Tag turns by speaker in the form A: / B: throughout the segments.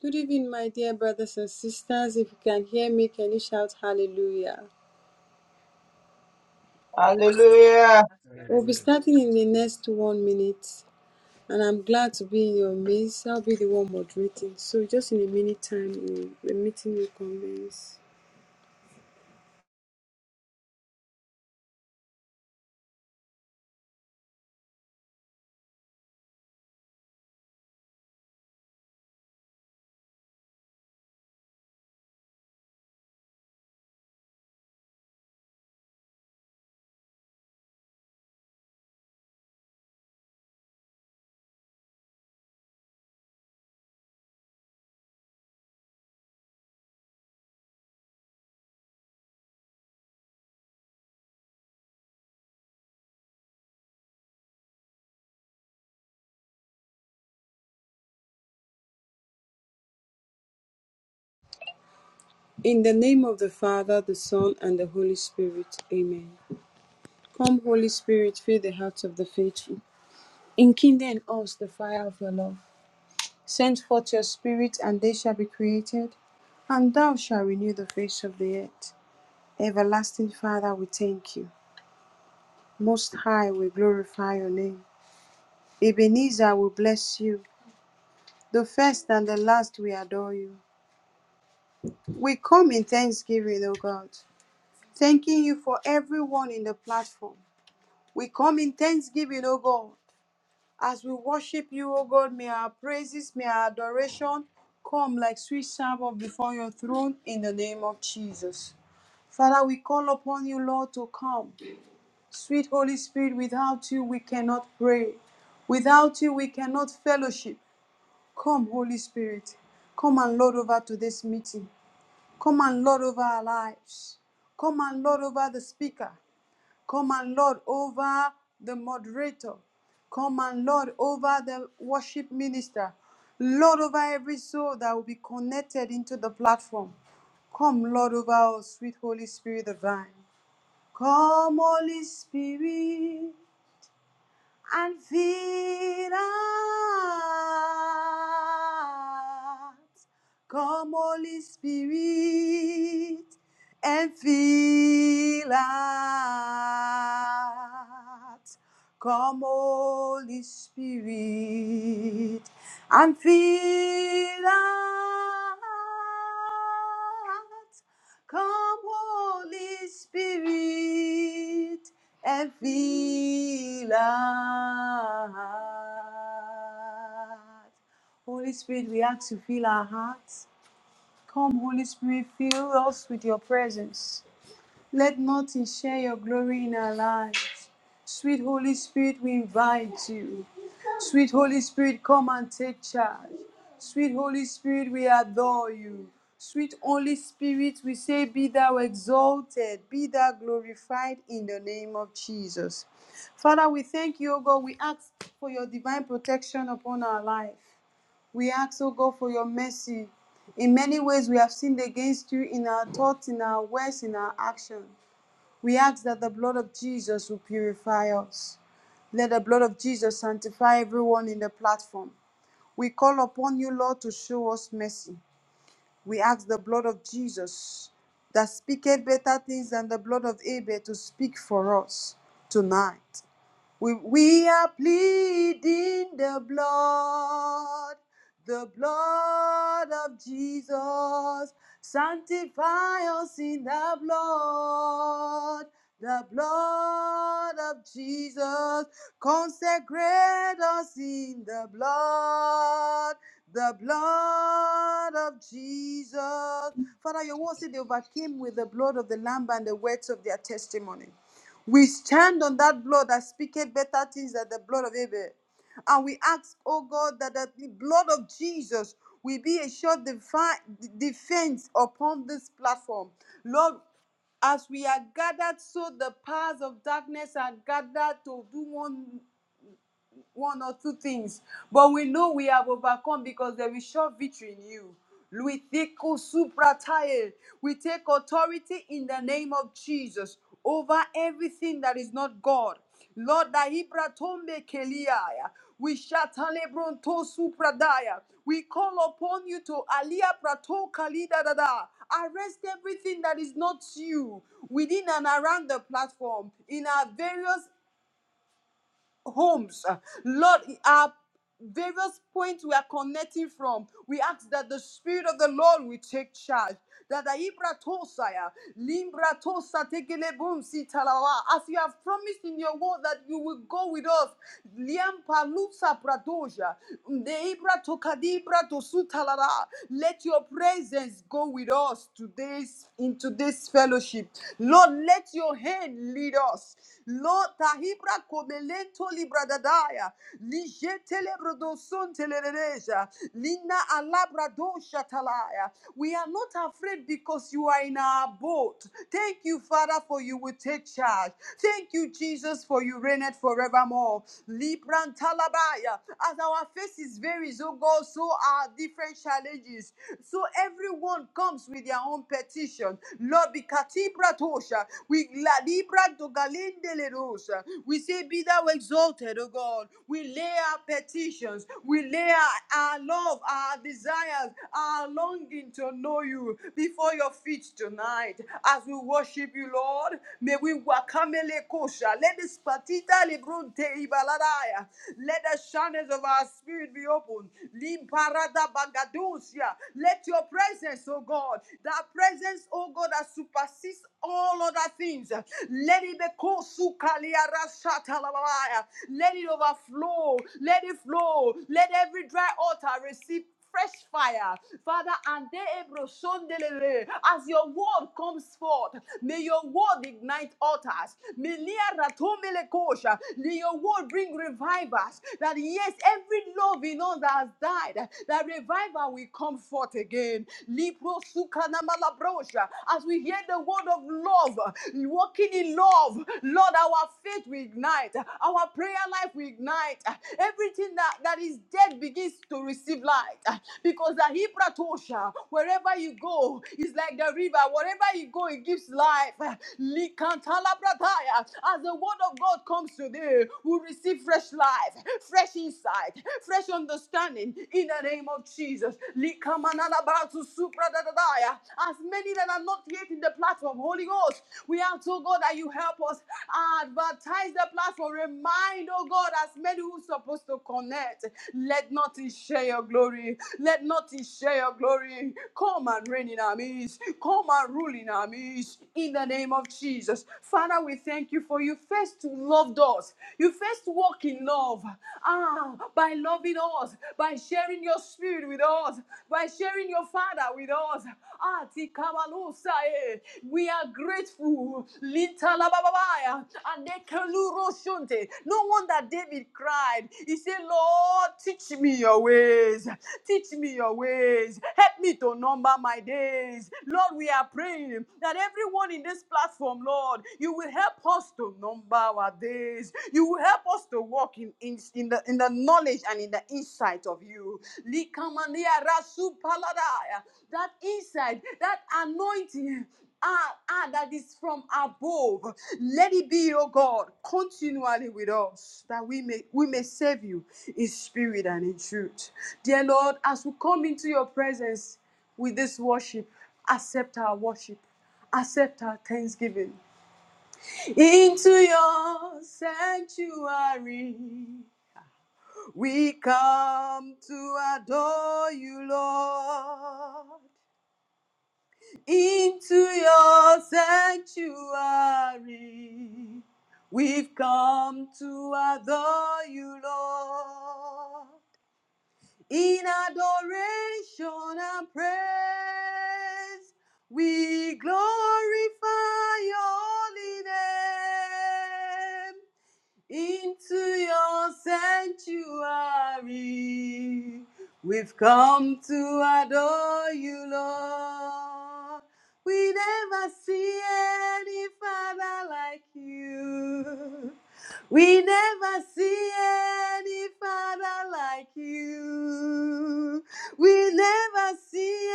A: Good evening, my dear brothers and sisters. If you can hear me, can you shout hallelujah?
B: Hallelujah.
A: We'll be
C: Hallelujah.
A: starting in the next one minute, and I'm glad to be in your midst. I'll be the one moderating. So, just in a minute time, the meeting will commence. In the name of the Father, the Son, and the Holy Spirit, amen. Come, Holy Spirit, fill the hearts of the faithful. Enkindle in us the fire of your love. Send forth your Spirit, and they shall be created, and thou shalt renew the face of the earth. Everlasting Father, we thank you. Most High, we glorify your name. Ebenezer, we bless you. The first and the last, we adore you. We come in thanksgiving, O God, thanking you for everyone in the platform. We come in thanksgiving, O God. As we worship you, O God, may our praises, may our adoration come like sweet savour before your throne in the name of Jesus. Father, we call upon you, Lord, to come. Sweet Holy Spirit, without you we cannot pray. Without you we cannot fellowship. Come, Holy Spirit. Come and Lord over to this meeting. Come and Lord over our lives. Come and Lord over the speaker. Come and Lord over the moderator. Come and Lord over the worship minister. Lord over every soul that will be connected into the platform. Come, Lord, over us, sweet Holy Spirit divine. Come, Holy Spirit, and fill us. Come, Holy Spirit, and fill us. Come, Holy Spirit, and fill us. Come, Holy Spirit, and fill our hearts. Holy Spirit, we ask you to fill our hearts. Come, Holy Spirit, fill us with your presence. Let nothing share your glory in our lives. Sweet Holy Spirit, we invite you. Sweet Holy Spirit, come and take charge. Sweet Holy Spirit, we adore you. Sweet Holy Spirit, we say, Be thou exalted, be thou glorified in the name of Jesus. Father, we thank you, O God. We ask for your divine protection upon our life. We ask, O God, for your mercy. In many ways, we have sinned against you in our thoughts, in our words, in our actions. We ask that the blood of Jesus will purify us. Let the blood of Jesus sanctify everyone in the platform. We call upon you, Lord, to show us mercy. We ask the blood of Jesus that speaketh better things than the blood of Abel to speak for us tonight. We, we are pleading the blood, the blood of Jesus. Sanctify us in the blood, the blood of Jesus. Consecrate us in the blood, the blood of Jesus. Father, your word said they overcame with the blood of the Lamb and the words of their testimony. We stand on that blood that speaketh better things than the blood of Abel. And we ask, oh God, that the blood of Jesus will be a sure defi- defense upon this platform. Lord, as we are gathered, so the powers of darkness are gathered to do one one or two things, but we know we have overcome because there is sure victory in you. We take o- We take authority in the name of Jesus over everything that is not God. Lord, da ibratombe keliaya. We shatalebronto supradaya. We call upon you to alia prato kalida dada. Arrest everything that is not you within and around the platform in our various homes. Uh, Lord, our various points we are connecting from, we ask that the Spirit of the Lord will take charge. That the Ibra Tosaya, Limbra Tosa Tekelebum Sitalawa, as you have promised in your word that you will go with us. Liampa Lusa Pradoja, the Ibra Tokadibra Tosutalala, let your presence go with us today's into this fellowship. Lord, let your hand lead us. Lota hibra komelento libradadaya. Lijete lebrodoson telerereja. Lina alabradosha talaya. We are not afraid because you are in our boat. Thank you, Father, for you will take charge. Thank you, Jesus, for you reigned forevermore. Libran talabaya. As our faces vary, so God, so are different challenges. So everyone comes with their own petition. Lord, katibratosha. We la libra do galindelerosa. We say, Be thou exalted, O God. We lay our petitions, we lay our, our love, our desires, our longing to know you before your feet tonight. As we worship you, Lord, may we wakamele kosha. Let the spatita lebrunte ibaladaya. Let the channels of our spirit be open. Limparada bagadusia. Let your presence presence, oh God, that presence, oh God, that supersedes all other things. Let it be kosukaliarashatalabaya. let it overflow, let it flow, let every dry altar receive fresh fire. Father, and they ebro sondelele. as your word comes forth, may your word ignite altars. May lia ratomele kosha. May your word bring revivers. That yes, every love in us that has died, that revival will come forth again. Libro sukana malabrosha. As we hear the word of love, walking in love, Lord, our faith will ignite, our prayer life will ignite. Everything that, that is dead begins to receive light. Because the Hebra Tosha, wherever you go, is like the river. Wherever you go, it gives life. Likantala brataya. As the word of God comes today, we receive fresh fresh life, fresh insight, fresh understanding in the name of Jesus. Likamanalabatu supradadadaya. As many that are not yet in the platform, Holy Ghost, we ask, oh God, that you help us advertise the platform. Remind, oh God, as many who are supposed to connect, let nothing share your glory. Let nothing share your glory. Come and reign in our midst. Come and rule in our midst. In the name of Jesus. Father, we thank you thank you for you first loved us. You first walk in love. Ah, by loving us, by sharing your spirit with us, by sharing your father with us. Ah, Tikamalusa, eh. we are grateful. Linta la ba ba ba ya. No wonder David cried. He said, Lord, teach me your ways. Teach me your ways. Help me to number my days. Lord, we are praying that everyone in this platform, Lord, you will help us to number our days. You will help us to walk in, in, in, the, in the knowledge and in the insight of you. Likamania rasupaladaya. That insight, that anointing. Ah, ah, that is from above. Let it be, O God, continually with us, that we may we may serve you in spirit and in truth. Dear Lord, as we come into your presence with this worship, accept our worship accept our thanksgiving into your sanctuary. We come to adore you, Lord, into your sanctuary. We've come to adore you, Lord. In adoration and praise, we glorify your holy name into your sanctuary. We've come to adore you, Lord. We never see any father like you. We never see any father like you. We never see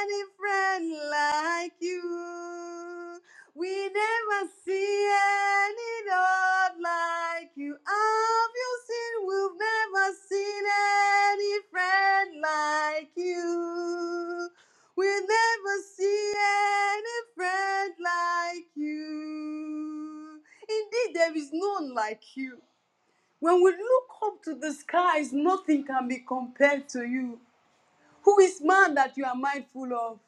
A: any friend like you. We never see any Lord like you. Have you seen? We've never seen any friend like you. We'll never see any friend like you. Indeed, there is none like you. When we look up to the skies, nothing can be compared to you. Who is man that you are mindful of?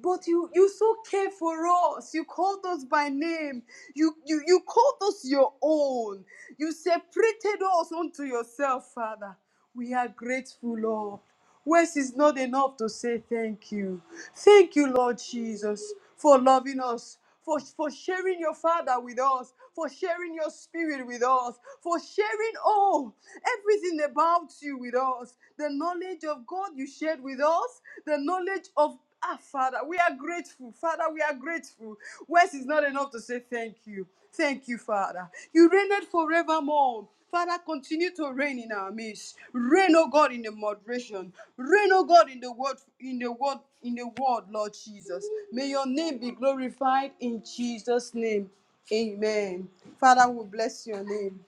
A: But you, you so care for us. You called us by name. You, you, you called us your own. You separated us unto yourself, Father. We are grateful, Lord. Words is not enough to say thank you. Thank you, Lord Jesus, for loving us, for, for sharing your Father with us, for sharing your Spirit with us, for sharing all, everything about you with us. The knowledge of God you shared with us, the knowledge of Ah, Father, we are grateful. Father, we are grateful. Words is not enough to say thank you. Thank you, Father. You reign it forevermore. Father, continue to reign in our midst. Reign, O God, in the moderation. Reign, O God, in the word, in the word, in the word, Lord Jesus. May your name be glorified in Jesus' name. Amen. Father, we bless your name.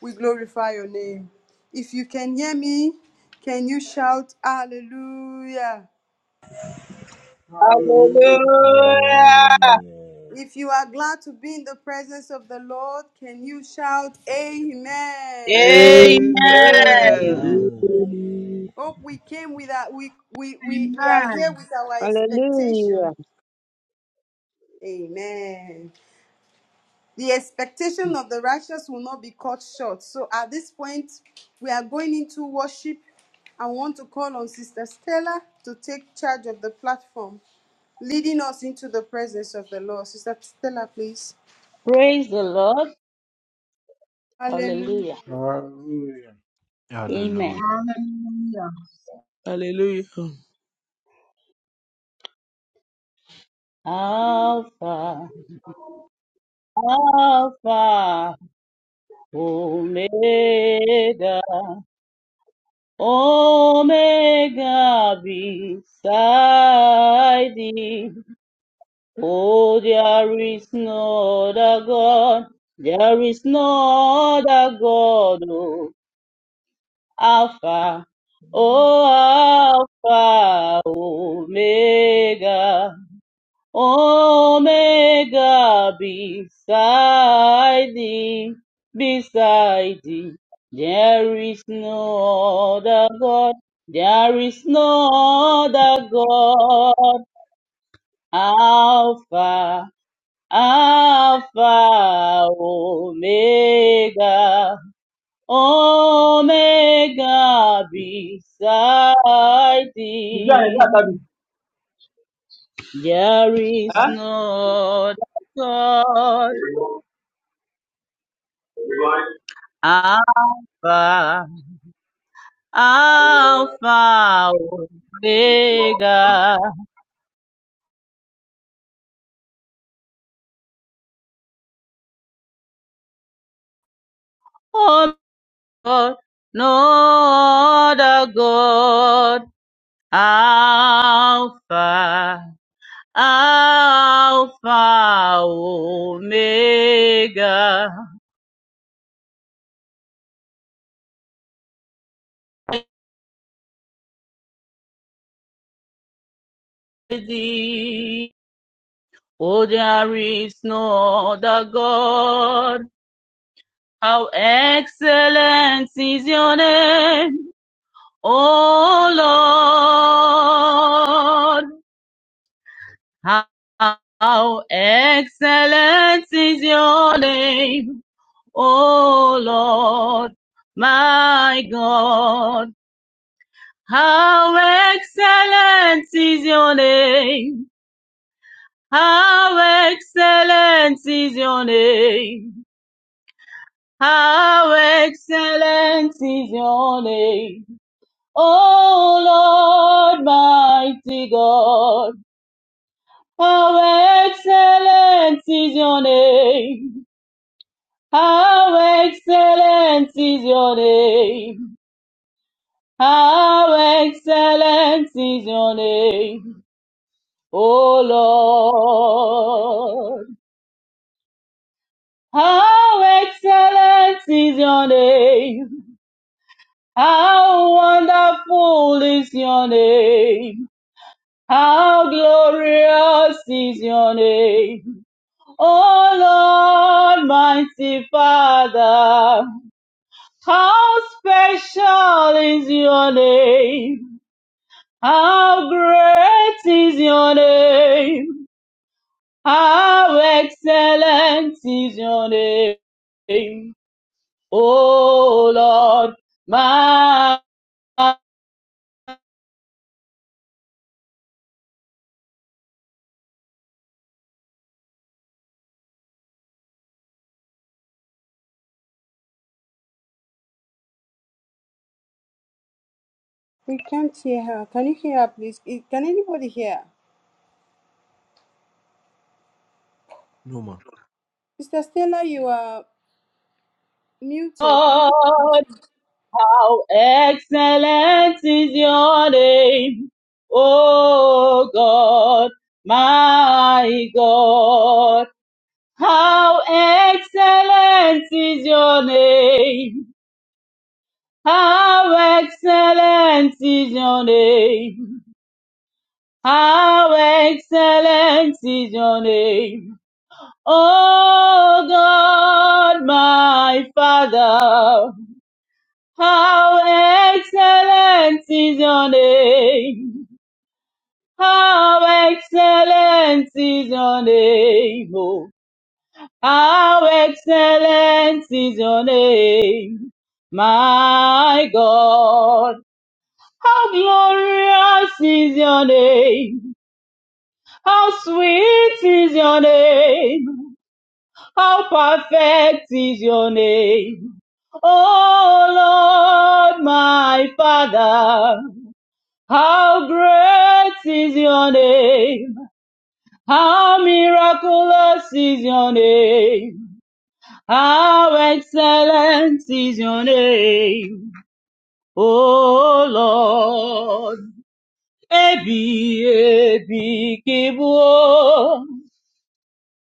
A: We glorify your name. If you can hear me, can you shout hallelujah?
B: Hallelujah.
D: Hallelujah.
A: If you are glad to be in the presence of the Lord, can you shout amen?
E: Amen.
B: Amen.
F: Amen.
D: Amen.
A: Oh, we came with our, we, we, we,
G: Amen.
A: we are here with our
H: Hallelujah.
A: expectation. Amen. The expectation of the righteous will not be cut short. So at this point, we are going into worship. I want to call on Sister Stella to take charge of the platform, leading us into the presence of the Lord. Sister Stella, please.
E: Praise the Lord.
A: Hallelujah.
E: Hallelujah.
C: Hallelujah.
D: Hallelujah.
E: Amen.
G: Hallelujah.
I: Hallelujah.
E: Alpha, Alpha, Omega, Omega beside thee. Oh, there is no other God. There is no other God. Oh, Alpha, oh, Alpha, Omega. Omega beside thee, beside thee. There is no other God, there is no other God. Alpha, Alpha, Omega, Omega beside
F: Vijana ni
E: thee.
F: hata vi-
E: There is
F: eh?
E: no other God. Alpha, Alpha, Omega. Oh Lord, no other God. Alpha, Alpha, Omega. Thee. Oh, there is no other God. How excellent is your name. O Lord, how, how excellent is your name, O Lord, my God. How excellent is your name, how excellent is your name, how excellent is your name, O Lord, mighty God. How excellent is your name. How excellent is your name. How excellent is your name. O Lord. How excellent is your name. How wonderful is your name. How glorious is your name. O Lord, mighty Father. How special is your name? How great is your name? How excellent is your name? Oh Lord, my God,
A: We can't hear her. Can you hear her, please? Eh, Can anybody hear? her?
D: No man.
A: Sister Stella, you are muted. Can
E: how
A: you
E: excellent is your name? Oh God, my God. How excellent is your name. How excellent is your name. How excellent is your name. Oh God, my Father. How excellent is your name. How excellent is your name. Oh. How excellent is your name, my God. How glorious is your name. How sweet is your name. How perfect is your name. Oh Lord, my Father. How great is your name. How miraculous is your name. How excellent is your name, O Lord. Ebi, ebi, kibu.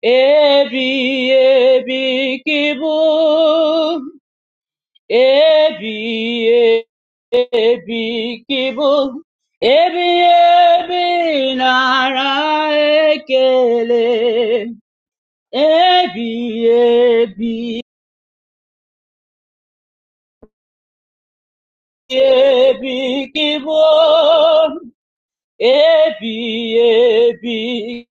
E: Ebi, ebi, kibu. Ebi, ebi, kibu. Ebi, ebi, nara ekele. Ebi, ebi, Ebi kibon, ebi ebi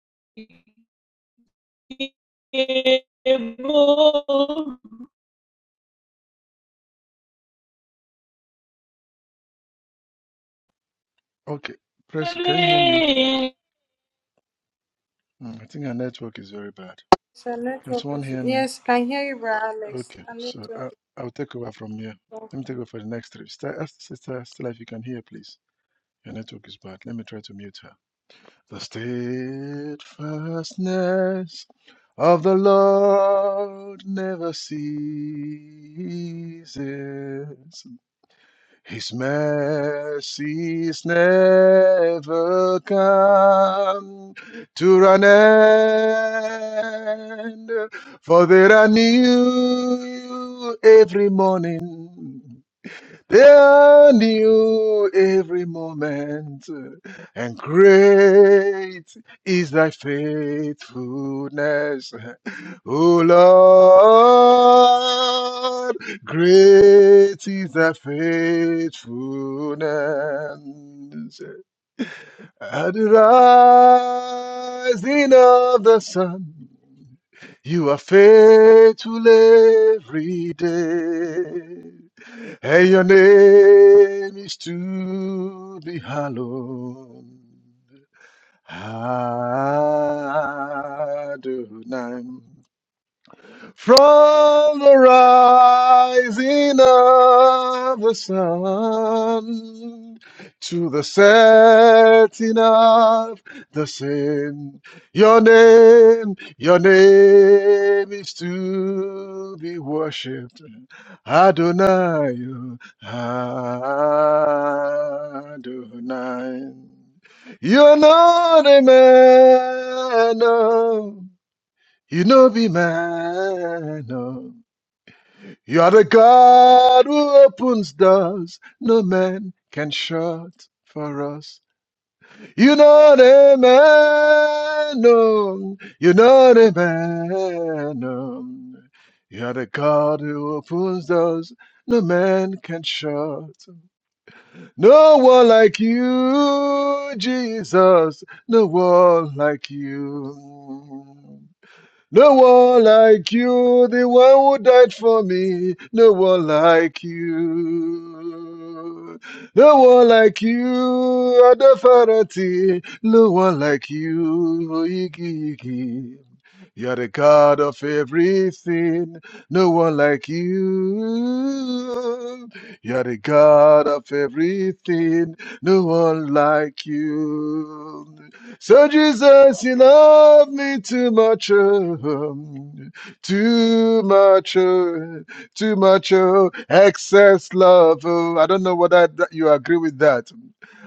E: kibon,
C: Okay, press. Can you hear me?
E: ebi
C: Hmm, I think our network is very bad.
A: So
C: Can
A: network
C: someone
A: is
C: hear me?
A: yes, can hear you, Brother Alex.
C: Okay,
A: Our
C: so
A: network
C: I,
A: is
C: I'll take over from here. Let me take
A: working.
C: over for the next three. Sister, sister Stella, if you can hear, please. Your network is bad. Let me try to mute her. The steadfastness of the Lord never ceases. His mercies never come to an end, for they are new every morning. They are new every moment, and great is thy faithfulness. O Lord, great is thy faithfulness. At the rising of the sun, you are faithful every day. And your name is to be hallowed. Adonai. From the rising of the sun to the setting of the same, your name, your name is to be worshipped. Adonai, Adonai. You're not a man. of you know be man. oh. You are the God who opens doors no man can shut for us. You know the man. oh. You know the man. oh. You are the God who opens doors no man can shut. No one like you, Jesus. No one like you. No one like you, the one who died for me. No one like you. No one like you, Adafarati. No one like you, Igigi. You're the God of everything, no one like you. You're the God of everything, no one like you. So, Jesus, you love me too much, oh, too much, oh, too much, oh, excess love. Oh. I don't know whether that- you agree with that.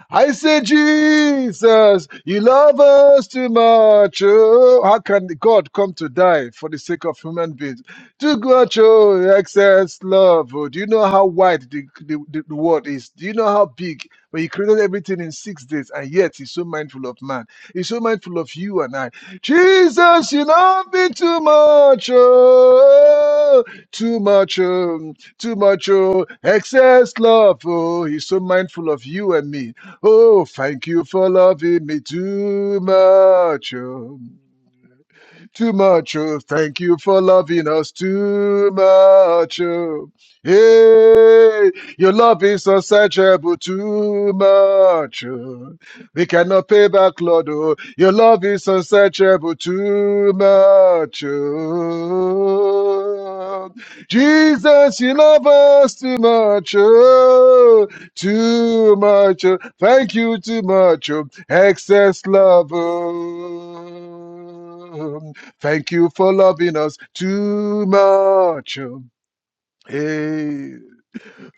C: I say, Jesus, you love us too much. Oh, how can God come to die for the sake of human beings? Too much, oh, excess love. Oh, do you know how wide the, the, the, the world is? Do you know how big? But He created everything in six days, and yet He's so mindful of man. He's so mindful of you and I. Jesus, you love me too much. Oh, too much. Oh, too much. Oh, excess love. Oh, He's so mindful of you and me. Oh, thank you for loving me too much. oh. Too much. Oh, thank you for loving us too much. Oh, hey, your love is unsearchable too much. Oh, we cannot pay back, Lord. Oh, your love is unsearchable too much. Oh, Jesus, you love us too much. Oh, too much. oh. Thank you too much. oh. Excess love. oh. Thank you for loving us too much. oh. Hey,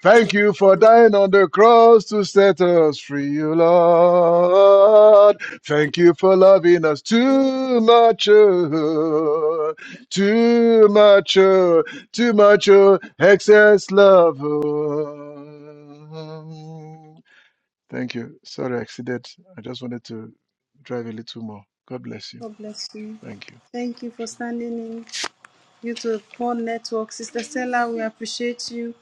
C: thank you for dying on the cross to set us free, oh Lord. Thank you for loving us too much, oh, too much, oh, too much, oh, excess love. oh. Thank you. Sorry, I exceeded. I just wanted to drive a little more. God bless you.
A: God bless you.
C: Thank you.
A: Thank you for
C: Jesus.
A: standing in. You to poor network, Sister Stella. We appreciate you.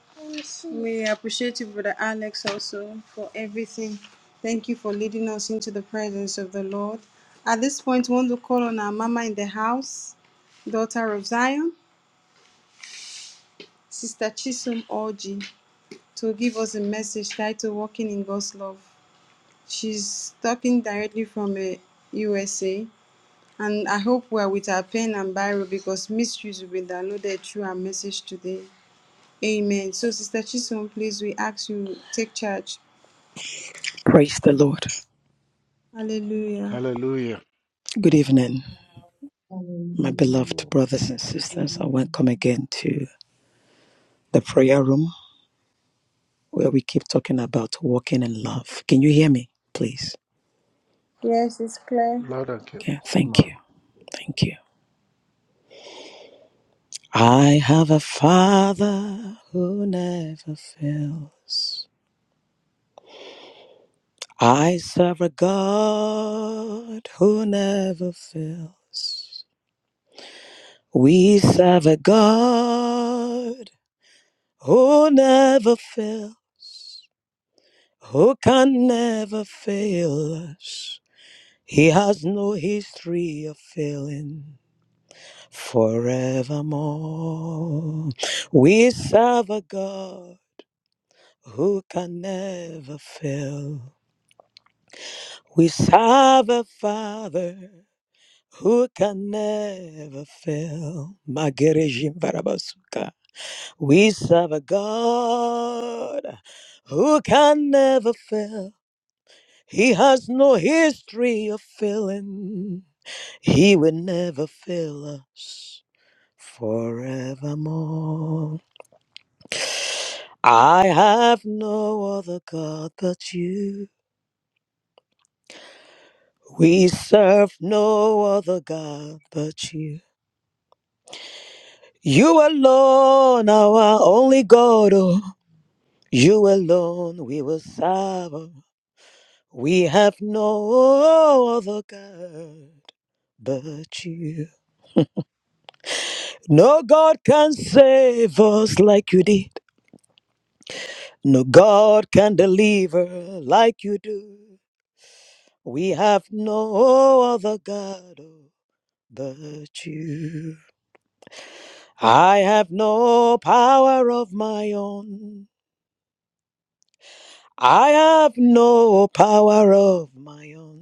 A: We appreciate you, Brother Alex, also for everything. Thank you for leading us into the presence of the Lord. At this point, we want to call on our Mama in the house, Daughter of Zion, Sister Chisum Orji, to give us a message titled "Walking in God's Love." She's talking directly from uh, USA. And I hope we're with our pen and Bible because mysteries will be downloaded through our message today. Amen. So, Sister Chisholm, please, we ask you take charge.
J: Praise the Lord.
A: Hallelujah.
C: Hallelujah.
J: Good evening, my
G: Hallelujah.
J: beloved
D: Hallelujah.
J: brothers and
G: Good
J: sisters. I welcome
G: evening.
J: again to the prayer room where we keep talking about walking in love. Can you hear me, please?
A: Yes, it's clear.
C: Loud and clear.
J: Yeah,
D: Yes,
J: thank
D: ma.
J: you. Thank you. I have a father who never fails. I serve a God who never fails. We serve a God who never fails. who can never fail us. He has no history of failing forevermore. We serve a God who can never fail. We serve a Father who can never fail. Magerejim Barabasuka. We serve a God who can never fail. He has no history of failing. He will never fail us forevermore. I have no other God but you. We serve no other God but you. You alone, our only God. oh. You alone we will serve. Oh. We have no other God but you. No God can save us like you did. No God can deliver like you do. We have no other God oh, but you. I have no power of my own. I have no power of my own.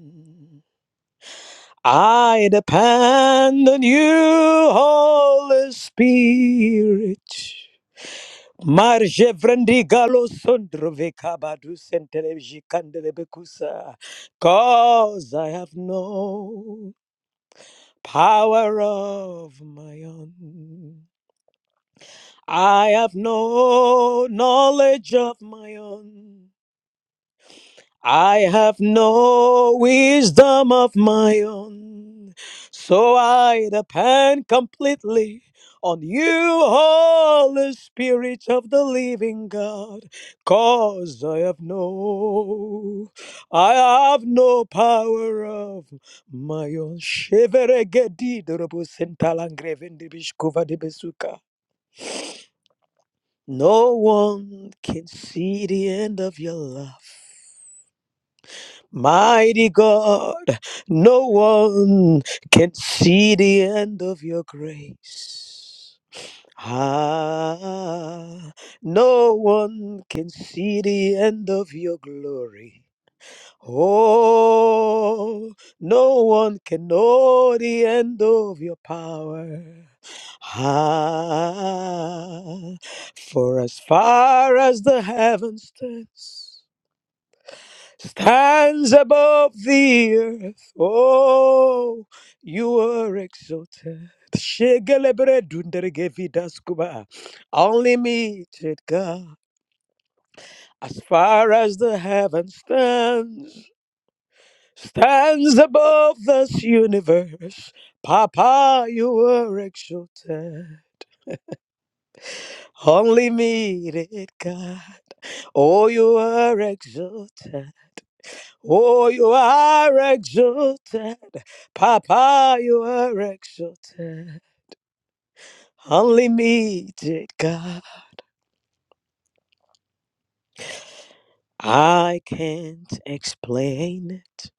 J: I depend on you, Holy Spirit. Marje vrendi galo sondro vekabadu senteleji kandelebekusa. Cause I have no power of my own. I have no knowledge of my own. I have no wisdom of my own, so I depend completely on you, Holy Spirit of the living God, cause I have no, I have no power of my own. Sheveregedidorobosentalangrevendibishkuvadibesuka. No one can see the end of your love. Mighty God, no one can see the end of your grace. Ah, no one can see the end of your glory. Oh, no one can know the end of your power. Ah, for as far as the heavens stands stands above the earth. Oh, you are exalted. Shegelebredundergevidaskuba. Unlimited God, as far as the heaven stands, stands above this universe. Papa, you are exalted. Unlimited God, oh, you are exalted. Oh, you are exalted. Papa, you are exalted. Unlimited God. I can't explain it.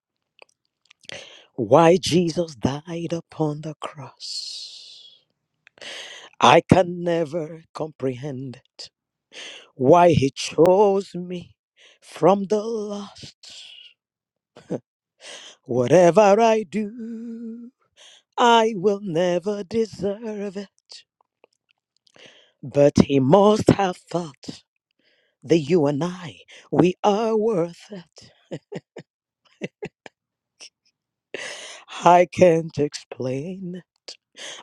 J: Why Jesus died upon the cross. I can never comprehend it. Why he chose me from the lost. Whatever I do, I will never deserve it. But he must have thought. The you and I, we are worth it. I can't explain,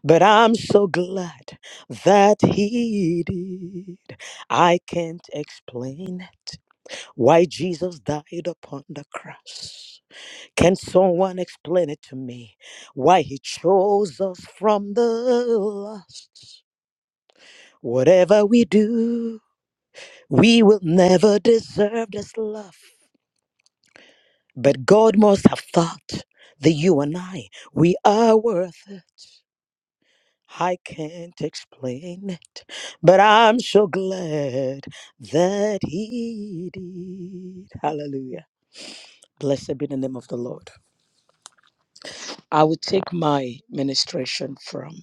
J: but I'm so glad that he did. I can't explain it. Why Jesus died upon the cross. Can someone explain it to me? Why he chose us from the lost? Whatever we do, we will never deserve this love. But God must have thought that you and I, we are worth it. I can't explain it, but I'm so glad that He did. Hallelujah. Blessed be the name of the Lord. I will take my ministration from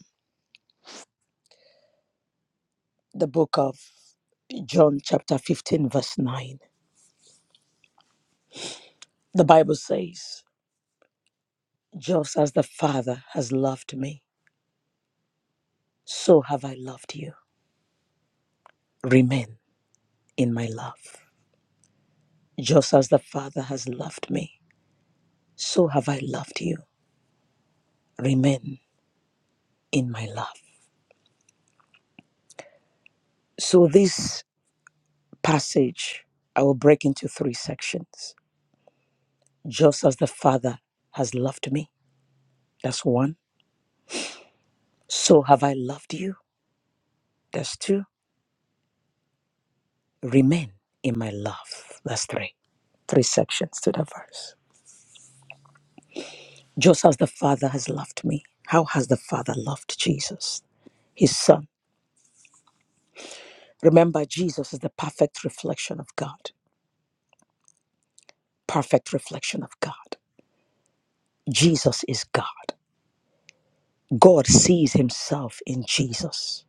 J: the book of John, chapter 15, verse 9. The Bible says, Just as the Father has loved me, so have I loved you. Remain in my love. Just as the Father has loved me, so have I loved you. Remain in my love. So, this passage, I will break into three sections. Just as the Father has loved me, that's one. So have I loved you, that's two. Remain in my love, that's three. Three sections to that verse. Just as the Father has loved me, how has the Father loved Jesus, his Son? Remember, Jesus is the perfect reflection of God. perfect reflection of God. Jesus is God. God sees himself in Jesus.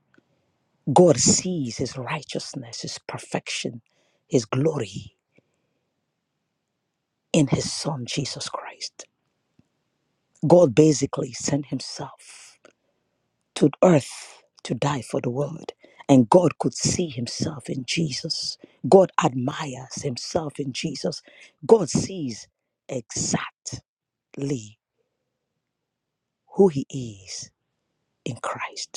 J: God sees his righteousness, his perfection, his glory in his son Jesus Christ. God basically sent himself to earth to die for the world. And God could see himself in Jesus. God admires himself in Jesus. God sees exactly who he is in Christ.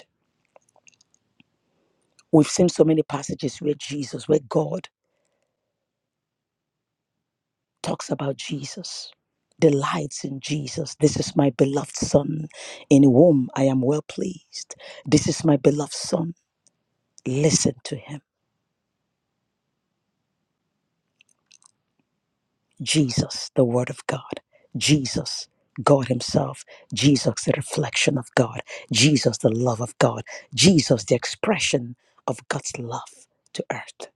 J: We've seen so many passages where Jesus, where God talks about Jesus, delights in Jesus. This is my beloved Son. In whom I am well pleased. This is my beloved Son. Listen to him. Jesus, the Word of God. Jesus, God Himself. Jesus, the reflection of God. Jesus, the love of God. Jesus, the expression of God's love to earth.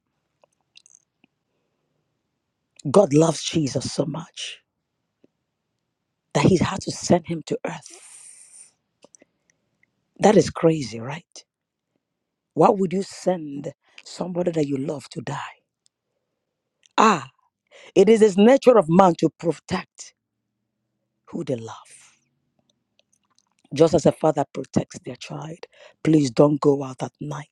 J: God loves Jesus so much that He had to send Him to earth. That is crazy, right? Why would you send somebody that you love to die? Ah, it is this nature of man to protect who they love. Just as a father protects their child, please don't go out at night.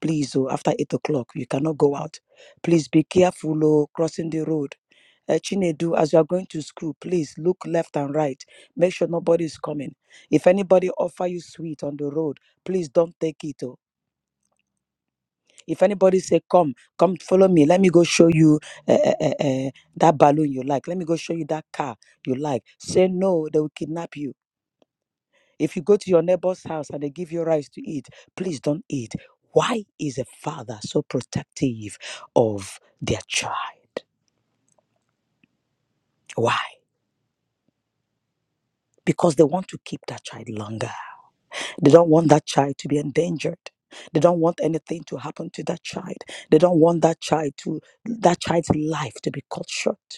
J: Please, oh, after eight o'clock, you cannot go out. Please be careful, oh, crossing the road. Uh, Chinedu, as you are going to school, please look left and right. Make sure nobody is coming. If anybody offer you sweet on the road, please don't take it. oh. If anybody say, "Come, come, follow me. Let me go show you uh, uh, uh, uh, that balloon you like. Let me go show you that car you like." Say no, they will kidnap you. If you go to your neighbor's house and they give you rice to eat, please don't eat. Why is a father so protective of their child? Why? Because they want to keep that child longer. They don't want that child to be endangered. They don't want anything to happen to that child. They don't want that child to that child's life to be cut short.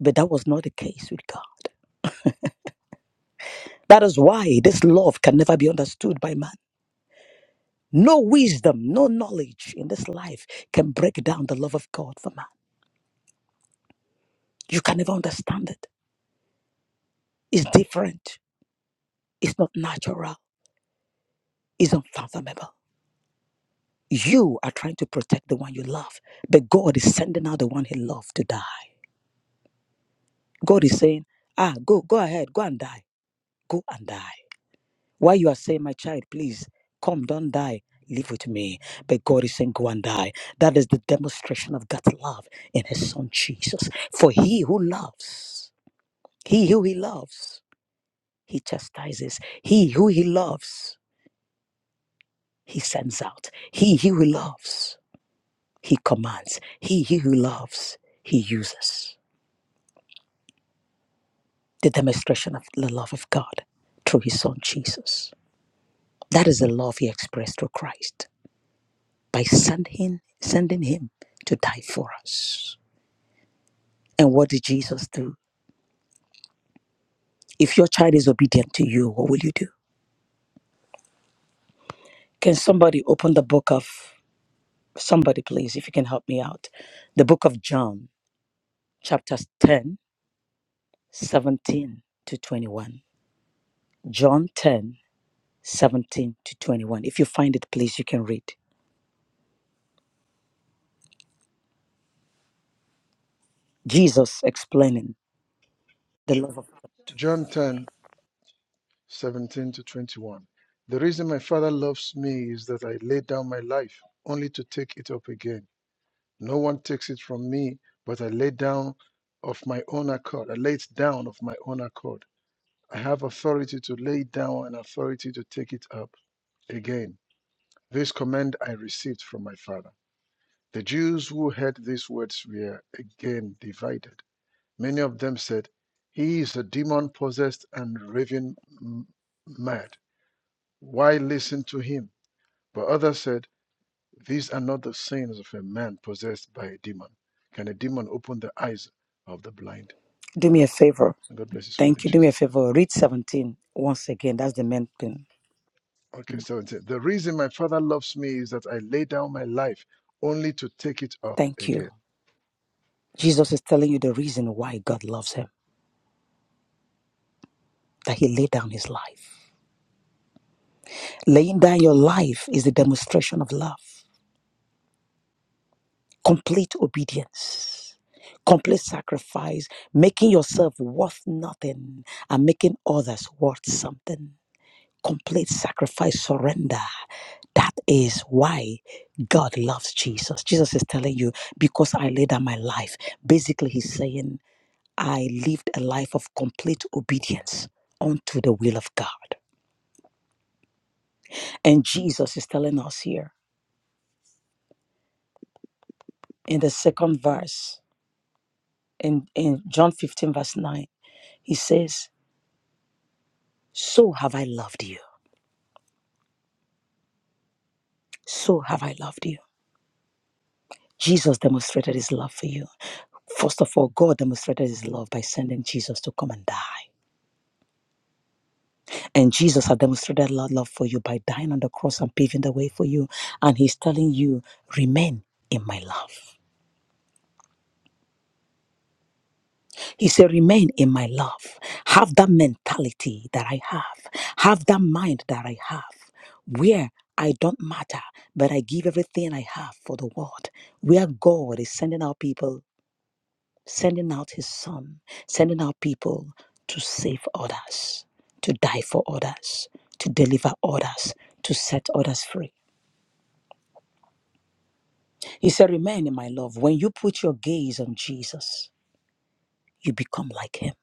J: But that was not the case with God. That is why this love can never be understood by man. No wisdom, no knowledge in this life can break down the love of God for man. You can never understand it. It's different, it's not natural, it's unfathomable. You are trying to protect the one you love, but God is sending out the one he loved to die. God is saying, Ah, go, go ahead, go and die, go and die. While you are saying, My child, please come, don't die. Live with me. But God is saying, Go and die. That is the demonstration of God's love in his son Jesus. For he who loves, he who he loves, he chastises. He who he loves, he sends out. He who he loves, he commands. He who he loves, he uses. The demonstration of the love of God through his son Jesus. That is the love he expressed through Christ. by sending sending him to die for us. And what did Jesus do? If your child is obedient to you, what will you do? Can somebody open the book of somebody please if you can help me out? The book of John, chapters 10 17 to 21. John 10 17 to 21. If you find it please you can read. Jesus explaining the love of
C: John 1017 to 21. The reason my Father loves me is that I laid down my life only to take it up again. No one takes it from me, but I lay down of my own accord. I lay it down of my own accord. I have authority to lay it down and authority to take it up again. This command I received from my Father. The Jews who heard these words were again divided. Many of them said, He is a demon possessed and raving m- mad. Why listen to him? But others said, These are not the sins of a man possessed by a demon. Can a demon open the eyes of the blind?
J: Do me a favor.
C: And God bless his word
J: Thank
C: in
J: you. Do me a
C: Jesus.
J: favor. Read 17 once again. That's the main thing.
C: name. Okay, 17. The reason my father loves me is that I lay down my life only to take it up
J: Thank you.
C: again.
J: Jesus is telling you the reason why God loves him, that he laid down his life. Laying down your life is a demonstration of love, complete obedience, complete sacrifice, making yourself worth nothing and making others worth something. Complete sacrifice, surrender. That is why God loves Jesus. Jesus is telling you, because I laid down my life. Basically, he's saying, I lived a life of complete obedience unto the will of God. And Jesus is telling us here in the second verse, in, in John 15, verse 9, he says, So have I loved you. So have I loved you. Jesus demonstrated his love for you. First of all, God demonstrated his love by sending Jesus to come and die. And Jesus had demonstrated lo- love for you by dying on the cross and paving the way for you. And he's telling you, remain in my love. He said, Remain in my love. Have that mentality that I have. Have that mind that I have, where I don't matter, but I give everything I have for the world. Where God is sending out people, sending out His Son, sending out people to save others, to die for others, to deliver others, to set others free. He said, Remain in my love. When you put your gaze on Jesus, you become like Him.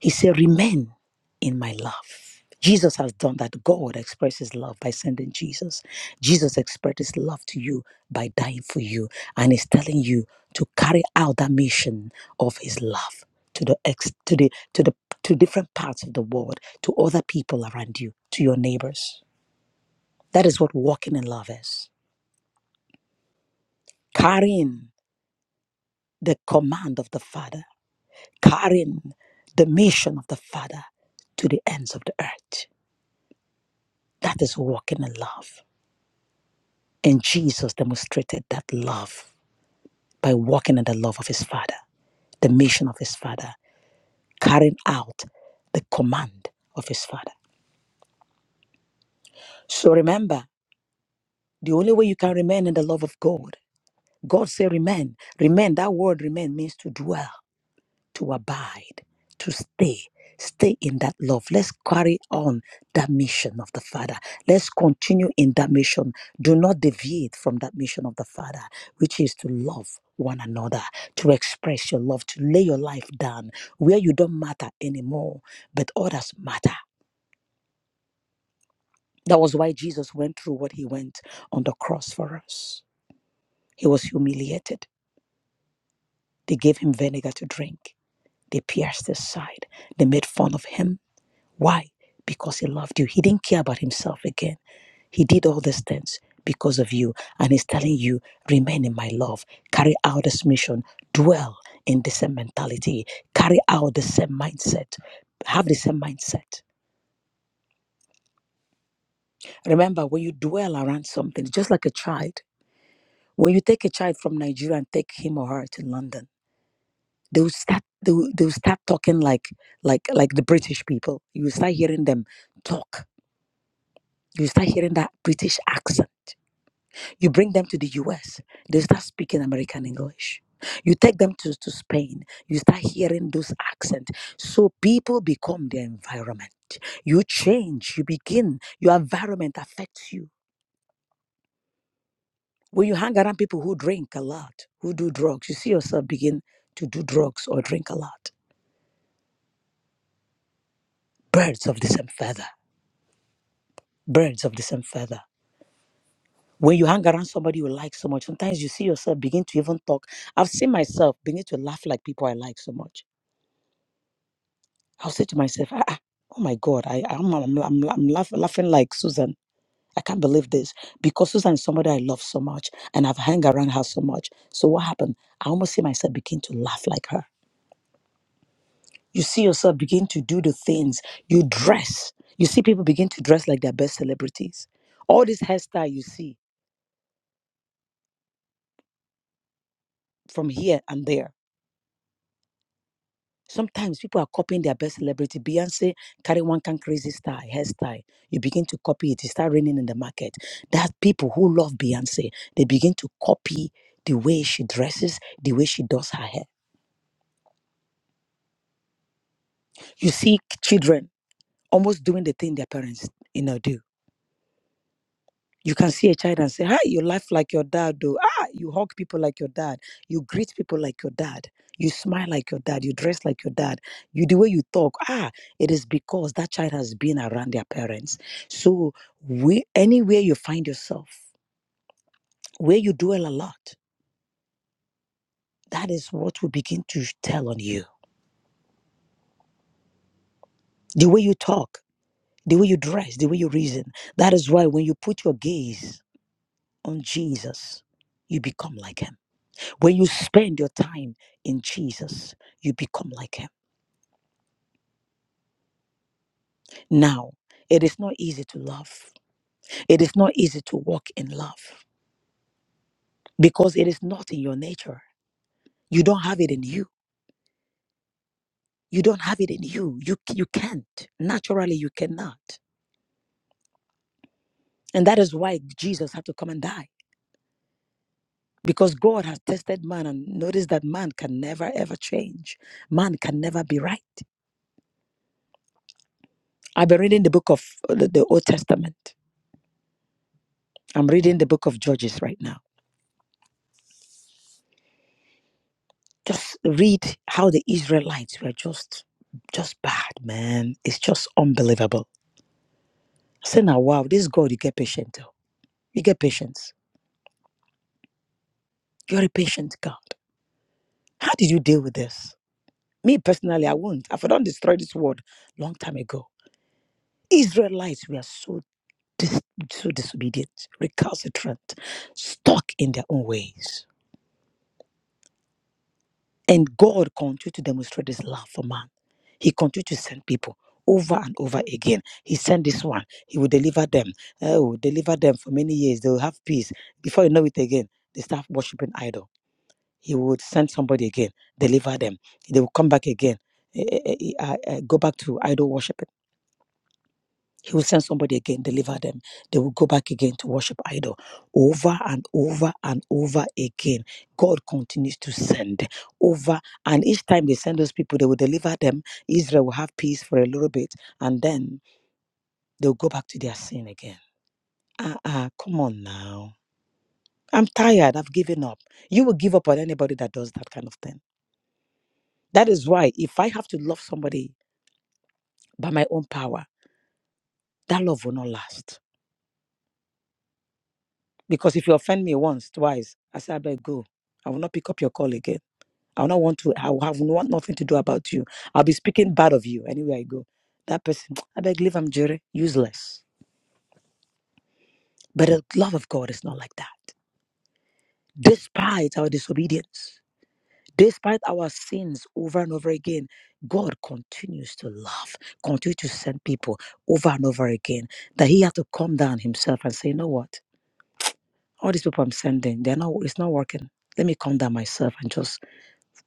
J: He said, Remain in my love. Jesus has done that. God expressed his love by sending Jesus. Jesus expressed his love to you by dying for you. And he's telling you to carry out that mission of his love to the ex to the to the to different parts of the world, to other people around you, to your neighbors. That is what walking in love is. Carrying the command of the Father, carrying the mission of the Father to the ends of the earth. That is walking in love. And Jesus demonstrated that love by walking in the love of his Father, the mission of his Father, carrying out the command of his Father. So remember, the only way you can remain in the love of God, God say remain. Remain, that word remain means to dwell. to abide, to stay. Stay in that love. Let's carry on that mission of the Father. Let's continue in that mission. Do not deviate from that mission of the Father, which is to love one another, to express your love, to lay your life down where you don't matter anymore, but others matter. That was why Jesus went through what he went on the cross for us. He was humiliated. They gave him vinegar to drink. They pierced his side. They made fun of him. Why? Because he loved you. He didn't care about himself again. He did all these things because of you. And he's telling you, remain in my love. Carry out this mission. Dwell in the same mentality. Carry out the same mindset. Have the same mindset. Remember, when you dwell around something, just like a child, when you take a child from Nigeria and take him or her to London, they will start they will, they will start talking like like like the British people. You will start hearing them talk. You will start hearing that British accent. You bring them to the US, they start speaking American English. You take them to, to Spain, you start hearing those accents. So people become their environment. You change, you begin, your environment affects you. When you hang around people who drink a lot, who do drugs, you see yourself begin to do drugs or drink a lot. Birds of the same feather, birds of the same feather. When you hang around somebody you like so much, sometimes you see yourself begin to even talk. I've seen myself begin to laugh like people I like so much I'll say to myself, ah, ah, oh my God, I, I'm, I'm, I'm, I'm laugh, laughing like Susan. I can't believe this because Susan is somebody I love so much and I've hung around her so much. So what happened? I almost see myself begin to laugh like her. You see yourself begin to do the things you dress. You see people begin to dress like their best celebrities. All this hairstyle you see from here and there Sometimes people are copying their best celebrity. Beyonce carry one kind crazy style, hairstyle. You begin to copy it. It start raining in the market. That people who love Beyonce, they begin to copy the way she dresses, the way she does her hair. You see children almost doing the thing their parents, you know, do. You can see a child and say, Hi, you laugh like your dad, though. Ah, you hug people like your dad. You greet people like your dad. You smile like your dad. You dress like your dad. You the way you talk. Ah, it is because that child has been around their parents. So we anywhere you find yourself, where you dwell a lot, that is what will begin to tell on you. The way you talk, the way you dress, the way you reason. That is why when you put your gaze on Jesus, you become like him. When you spend your time in Jesus, you become like Him. Now, it is not easy to love, it is not easy to walk in love because it is not in your nature. You don't have it in you. You don't have it in you. You, you can't. Naturally, you cannot. And that is why Jesus had to come and die. Because God has tested man and noticed that man can never ever change. Man can never be right. I've been reading the book of uh, the the Old Testament. I'm reading the book of Judges right now. Just read how the Israelites were just just bad, man. It's just unbelievable. I say now, wow, this God, you get patient. oh. You get patience. You're a patient God. How did you deal with this? Me personally, I won't. I've done destroyed this world long time ago. Israelites were so dis- so disobedient, recalcitrant, stuck in their own ways. And God continued to demonstrate his love for man. He continued to send people over and over again. He sent this one. He will deliver them. Oh, deliver them for many years. They will have peace. Before you know it again, they start worshiping idol. He would send somebody again, deliver them. They will come back again, eh, eh, eh, eh, ah, eh, go back to idol worship he will send somebody again, deliver them. They will go back again to worship idol over and over and over again. God continues to send over. And each time they send those people, they will deliver them. Israel will have peace for a little bit. And then they'll go back to their sin again. Ah, ah, come on now. I'm tired. I've given up. You will give up on anybody that does that kind of thing. That is why if I have to love somebody by my own power, that love will not last Because if you offend me once, twice, I say, I better go. I will not pick up your call again. I will not want to, I will have want nothing to do about you. I'll be speaking bad of you anywhere I go. That person, I beg, leave him, Jerry, useless. But the love of God is not like that. Despite our disobedience, despite our sins over and over again, God continues to love, continue to send people over and over again. That He had to calm down Himself and say, you know what? All these people I'm sending, they're not, it's not working. Let me calm down myself and just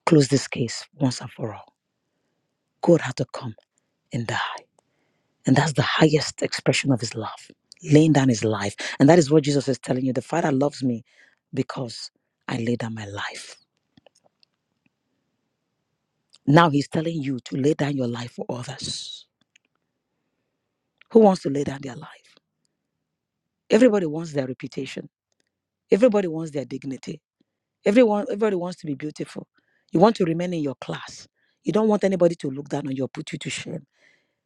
J: close this case once and for all. God had to come and die. And that's the highest expression of his love, laying down his life. And that is what Jesus is telling you. The Father loves me because I lay down my life. Now he's telling you to lay down your life for others. Who wants to lay down their life? Everybody wants their reputation. Everybody wants their dignity. Everyone, everybody wants to be beautiful. You want to remain in your class. You don't want anybody to look down on you or put you to shame.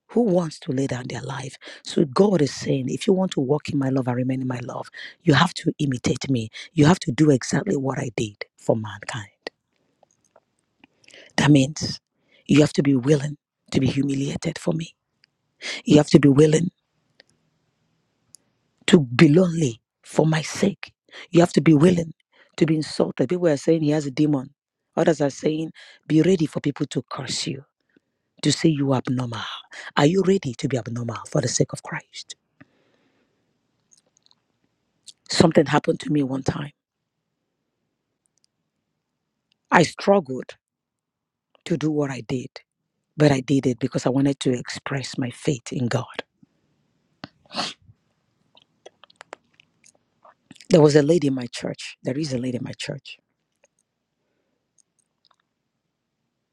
J: who wants to lay down their life. So God is saying, if you want to walk in my love and remain in my love, you have to imitate me. You have to do exactly what I did for mankind. That means you have to be willing to be humiliated for me. You have to be willing to be lonely for my sake. You have to be willing to be insulted. People are saying he has a demon. Others are saying, be ready for people to curse you, to say you are abnormal. Are you ready to be abnormal for the sake of Christ? Something happened to me one time. I struggled to do what I did, but I did it because I wanted to express my faith in God. There was a lady in my church. There is a lady in my church.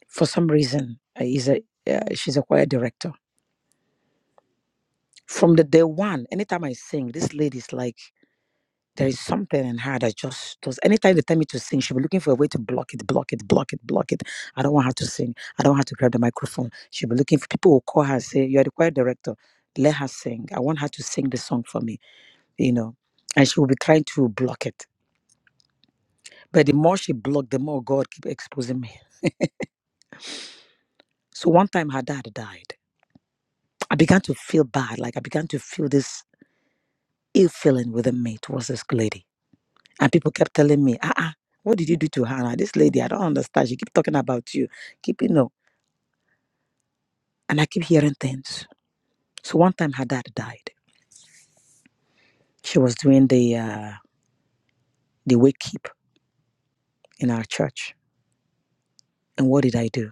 J: For some reason, uh, is a uh, she's a choir director. From the day one, anytime I sing, this lady's like, there is something in her that just does. Anytime they tell me to sing, she'll be looking for a way to block it, block it, block it, block it. I don't want her to sing. I don't want her to grab the microphone. She'll be looking for people who call her, and say, You're the choir director. Let her sing. I want her to sing the song for me you know, and she will be trying to block it. But the more she blocked, the more God keep exposing me. So one time her dad died. I began to feel bad. Like I began to feel this ill feeling within me towards this lady. And people kept telling me, ah, ah, what did you do to her? This lady, I don't understand. She keep talking about you. Keep, you know. And I keep hearing things. So one time her dad died. She was doing the, uh, the wake keep in our church. And what did I do?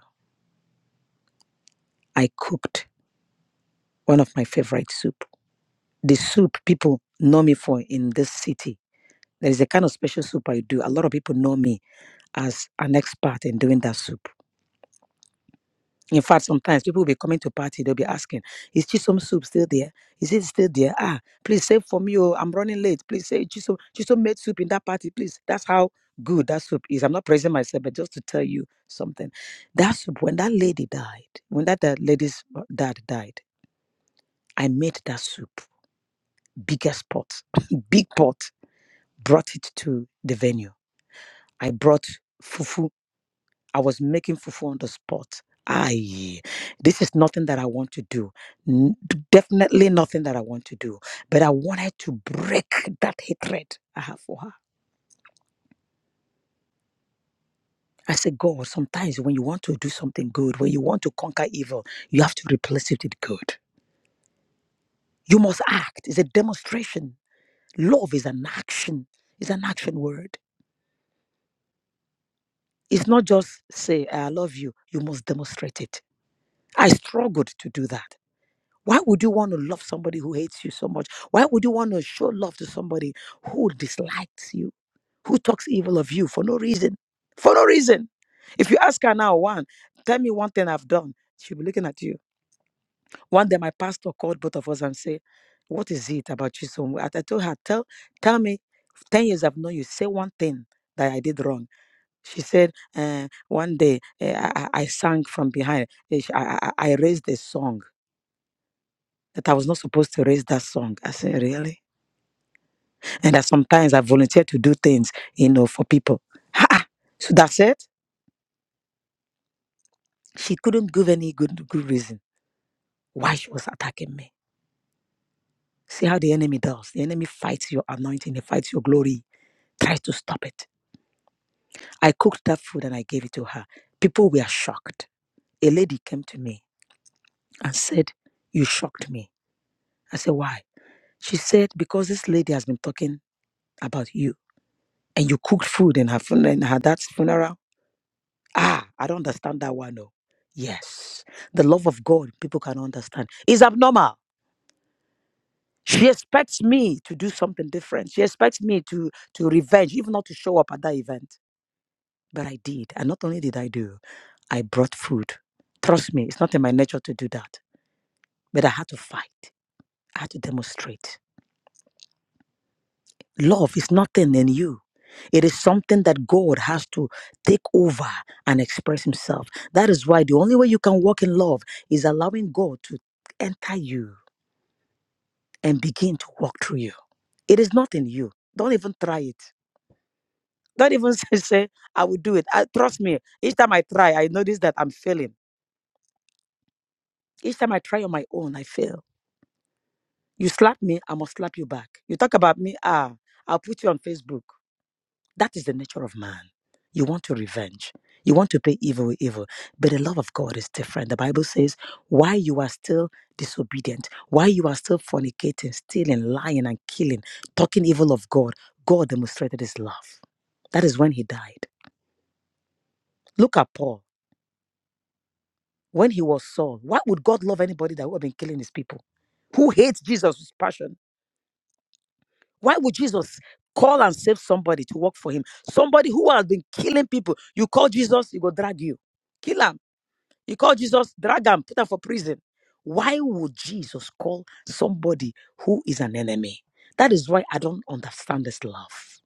J: I cooked one of my favorite soup the soup people know me for in this city. There is a kind of special soup I do. A lot of people know me as an expert in doing that soup. In fact, sometimes people will be coming to party, they'll be asking, is Chisom soup still there? Is it still there? Ah, please save for me. Oh, I'm running late. Please say Chisom, Chisom made soup in that party, please. That's how good that soup is. I'm not praising myself, but just to tell you something. That soup, when that lady died, when that, that lady's uh, dad died, I made that soup. Biggest pot, big pot brought it to the venue. I brought fufu. I was making fufu on the spot. I. this is nothing that I want to do. N- Definitely nothing that I want to do. But I wanted to break that hatred I have for her. I said, God, sometimes when you want to do something good, when you want to conquer evil, you have to replace it with good. You must act. It's a demonstration. Love is an action. It's an action word. It's not just say, I love you. You must demonstrate it. I struggled to do that. Why would you want to love somebody who hates you so much? Why would you want to show love to somebody who dislikes you, who talks evil of you for no reason? For no reason. If you ask her now, one, tell me one thing I've done, she'll be looking at you. One day, my pastor called both of us and said, What is it about you? So I I told her, Tell, tell me, 10 years I've known you, say one thing that I did wrong. She said, uh, One day eh, I, I I sang from behind, Eh, she- I, I I- I raised a song that I was not supposed to raise that song. I said, really? And that sometimes I volunteer to do things, you know, for people. Ha! ah. So that's it. She couldn't give any good good reason why she was attacking me. See how the enemy does. The enemy fights your anointing, he fights your glory, tries to stop it. I cooked that food and I gave it to her. People were shocked. A lady came to me and said, You shocked me. I said, Why? She said, Because this lady has been talking about you. And you cooked food in her funeral, in her dad's funeral Ah, I don't understand that one. No. Yes. The love of God, people can understand. is abnormal. She expects me to do something different. She expects me to to revenge, even not to show up at that event. But I did. And not only did I do, I brought food. Trust me, it's not in my nature to do that. But I had to fight. I had to demonstrate. Love is nothing in you. It is something that God has to take over and express Himself. That is why the only way you can walk in love is allowing God to enter you and begin to walk through you. It is not in you. Don't even try it. Don't even say, say, I will do it. I, trust me, each time I try, I notice that I'm failing. Each time I try on my own, I fail. You slap me, I must slap you back. You talk about me, ah, I'll put you on Facebook. That is the nature of man. You want to revenge. You want to pay evil with evil. But the love of God is different. The Bible says, while you are still disobedient, while you are still fornicating, stealing, lying, and killing, talking evil of God, God demonstrated his love. That is when he died. Look at Paul. When he was Saul, why would God love anybody that would have been killing his people? Who hates Jesus with passion? Why would Jesus call and save somebody to work for him? Somebody who has been killing people. You call Jesus, he will drag you. kill him. He called Jesus, drag him, put him for prison. Why would Jesus call somebody who is an enemy? That is why I don't understand this love.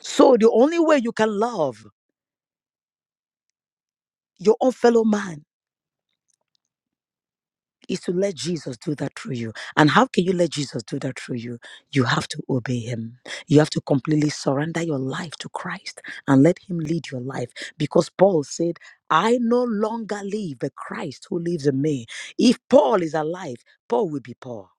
J: So the only way you can love your own fellow man is to let Jesus do that through you. And how can you let Jesus do that through you? You have to obey him. You have to completely surrender your life to Christ and let him lead your life. Because Paul said, I no longer live, but Christ who lives in me. If Paul is alive, Paul will be Paul.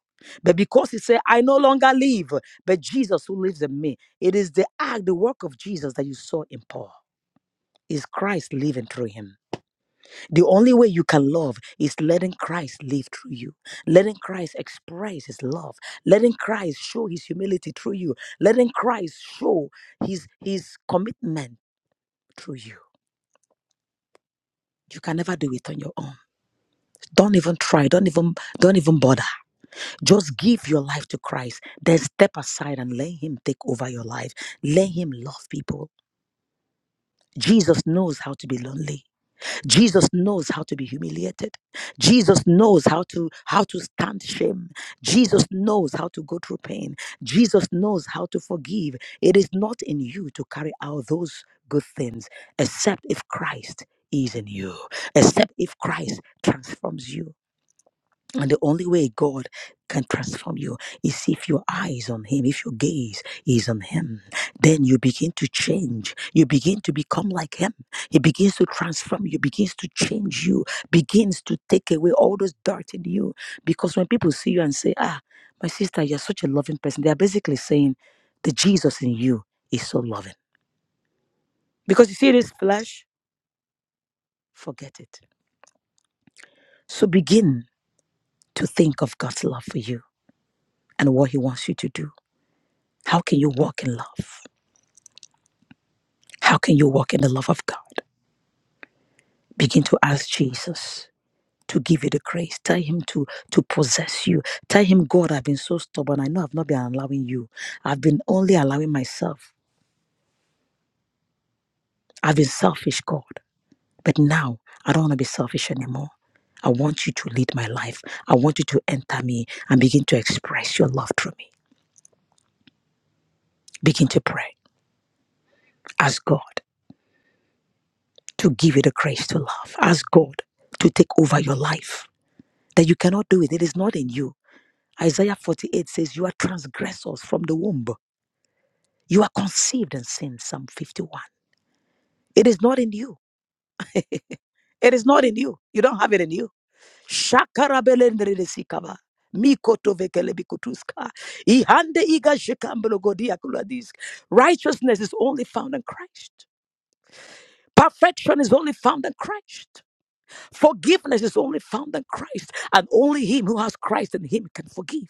J: But because he said, I no longer live, but Jesus who lives in me, it is the act, the work of Jesus that you saw in Paul. Is Christ living through him? The only way you can love is letting Christ live through you, letting Christ express his love, letting Christ show his humility through you, letting Christ show his his commitment through you. You can never do it on your own. Don't even try. Don't even don't even bother. Just give your life to Christ. Then step aside and let him take over your life. Let him love people. Jesus knows how to be lonely. Jesus knows how to be humiliated. Jesus knows how to how to stand shame. Jesus knows how to go through pain. Jesus knows how to forgive. It is not in you to carry out those good things except if Christ is in you, except if Christ transforms you. And the only way God can transform you is if your eyes on Him, if your gaze is on Him. Then you begin to change. You begin to become like Him. He begins to transform you, begins to change you, begins to take away all those dirt in you. Because when people see you and say, Ah, my sister, you're such a loving person, they are basically saying, The Jesus in you is so loving. Because you see this flesh, forget it. So begin to think of God's love for you and what He wants you to do How can you walk in love? How can you walk in the love of God? Begin to ask Jesus to give you the grace. Tell him to to possess you. Tell him, God, I've been so stubborn. I know I've not been allowing you. I've been only allowing myself. I've been selfish, God. But now I don't want to be selfish anymore. I want you to lead my life. I want you to enter me and begin to express your love through me. Begin to pray. Ask God to give you the grace to love. Ask God to take over your life. that you cannot do it. It is not in you. Isaiah 48 says, You are transgressors from the womb. You are conceived in sin. Psalm 51. It is not in you. It is not in you. You don't have it in you. Shakarabelendredesikaba. Mikotovekelebikutuska. Ihande igashikambelogodiakuladisk. Righteousness is only found in Christ. Perfection is only found in Christ. Forgiveness is only found in Christ, and only Him who has Christ in Him can forgive.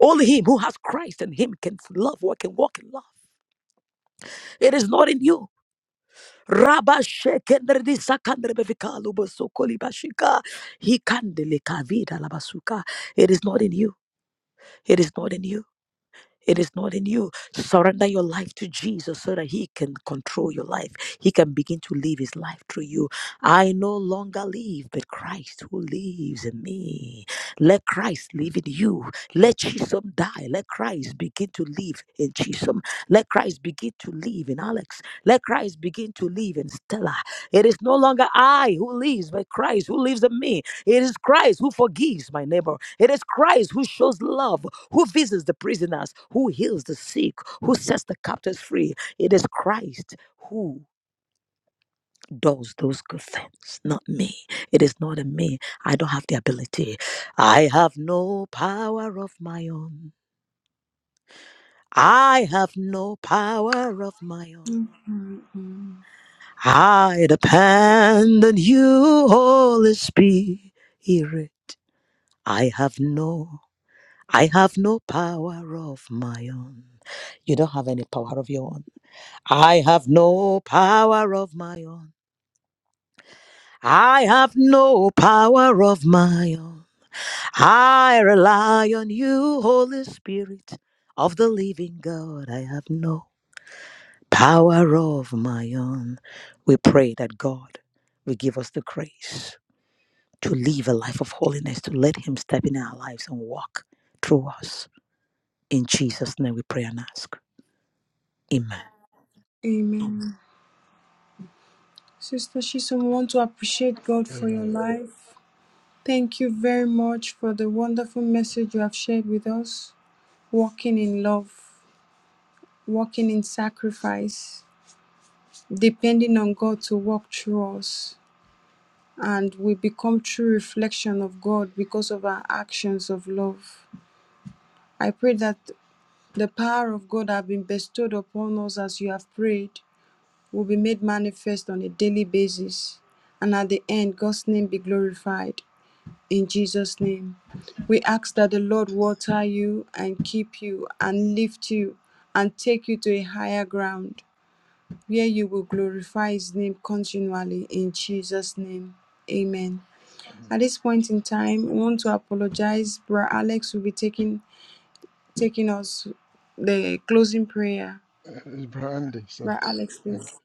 J: Only Him who has Christ in Him can love or can walk in love. It is not in you. Rabba shekendredi sakandrebevika lubosokoli Hikandeleka vida labasuka. It is not in you. It is not in you. It is not in you. Surrender your life to Jesus so that He can control your life. He can begin to live His life through you. I no longer live, but Christ who lives in me. Let Christ live in you. Let Chisholm die. Let Christ begin to live in Chisholm. Let Christ begin to live in Alex. Let Christ begin to live in Stella. It is no longer I who lives, but Christ who lives in me. It is Christ who forgives my neighbor. It is Christ who shows love, who visits the prisoners, who heals the sick, who sets the captives free. It is Christ who does those good things, not me. It is not in me. I don't have the ability. I have no power of my own. I have no power of my own. I depend on you, Holy Spirit. I have no I have no power of my own. You don't have any power of your own. I have no power of my own. I have no power of my own. I rely on you, Holy Spirit of the living God. I have no power of my own. We pray that God will give us the grace to live a life of holiness, to let Him step in our lives and walk through us. In Jesus' name we pray and ask. Amen.
A: Amen. Sister Chisholm, we want to appreciate God for your
C: Amen.
A: life. Thank you very much for the wonderful message you have shared with us. Walking in love, walking in sacrifice, depending on God to walk through us. and we become true reflection of God because of our actions of love. I pray that the power of God have been bestowed upon us as you have prayed will be made manifest on a daily basis. And at the end, God's name be glorified. In Jesus' name, we ask that the Lord water you and keep you and lift you and take you to a higher ground where you will glorify His name continually. In Jesus' name, amen. At this point in time, we want to apologize. Bra Alex will be taking taking us the closing prayer.
C: Uh, Brandy, sir.
A: Bra Alex,
C: Thank
A: please.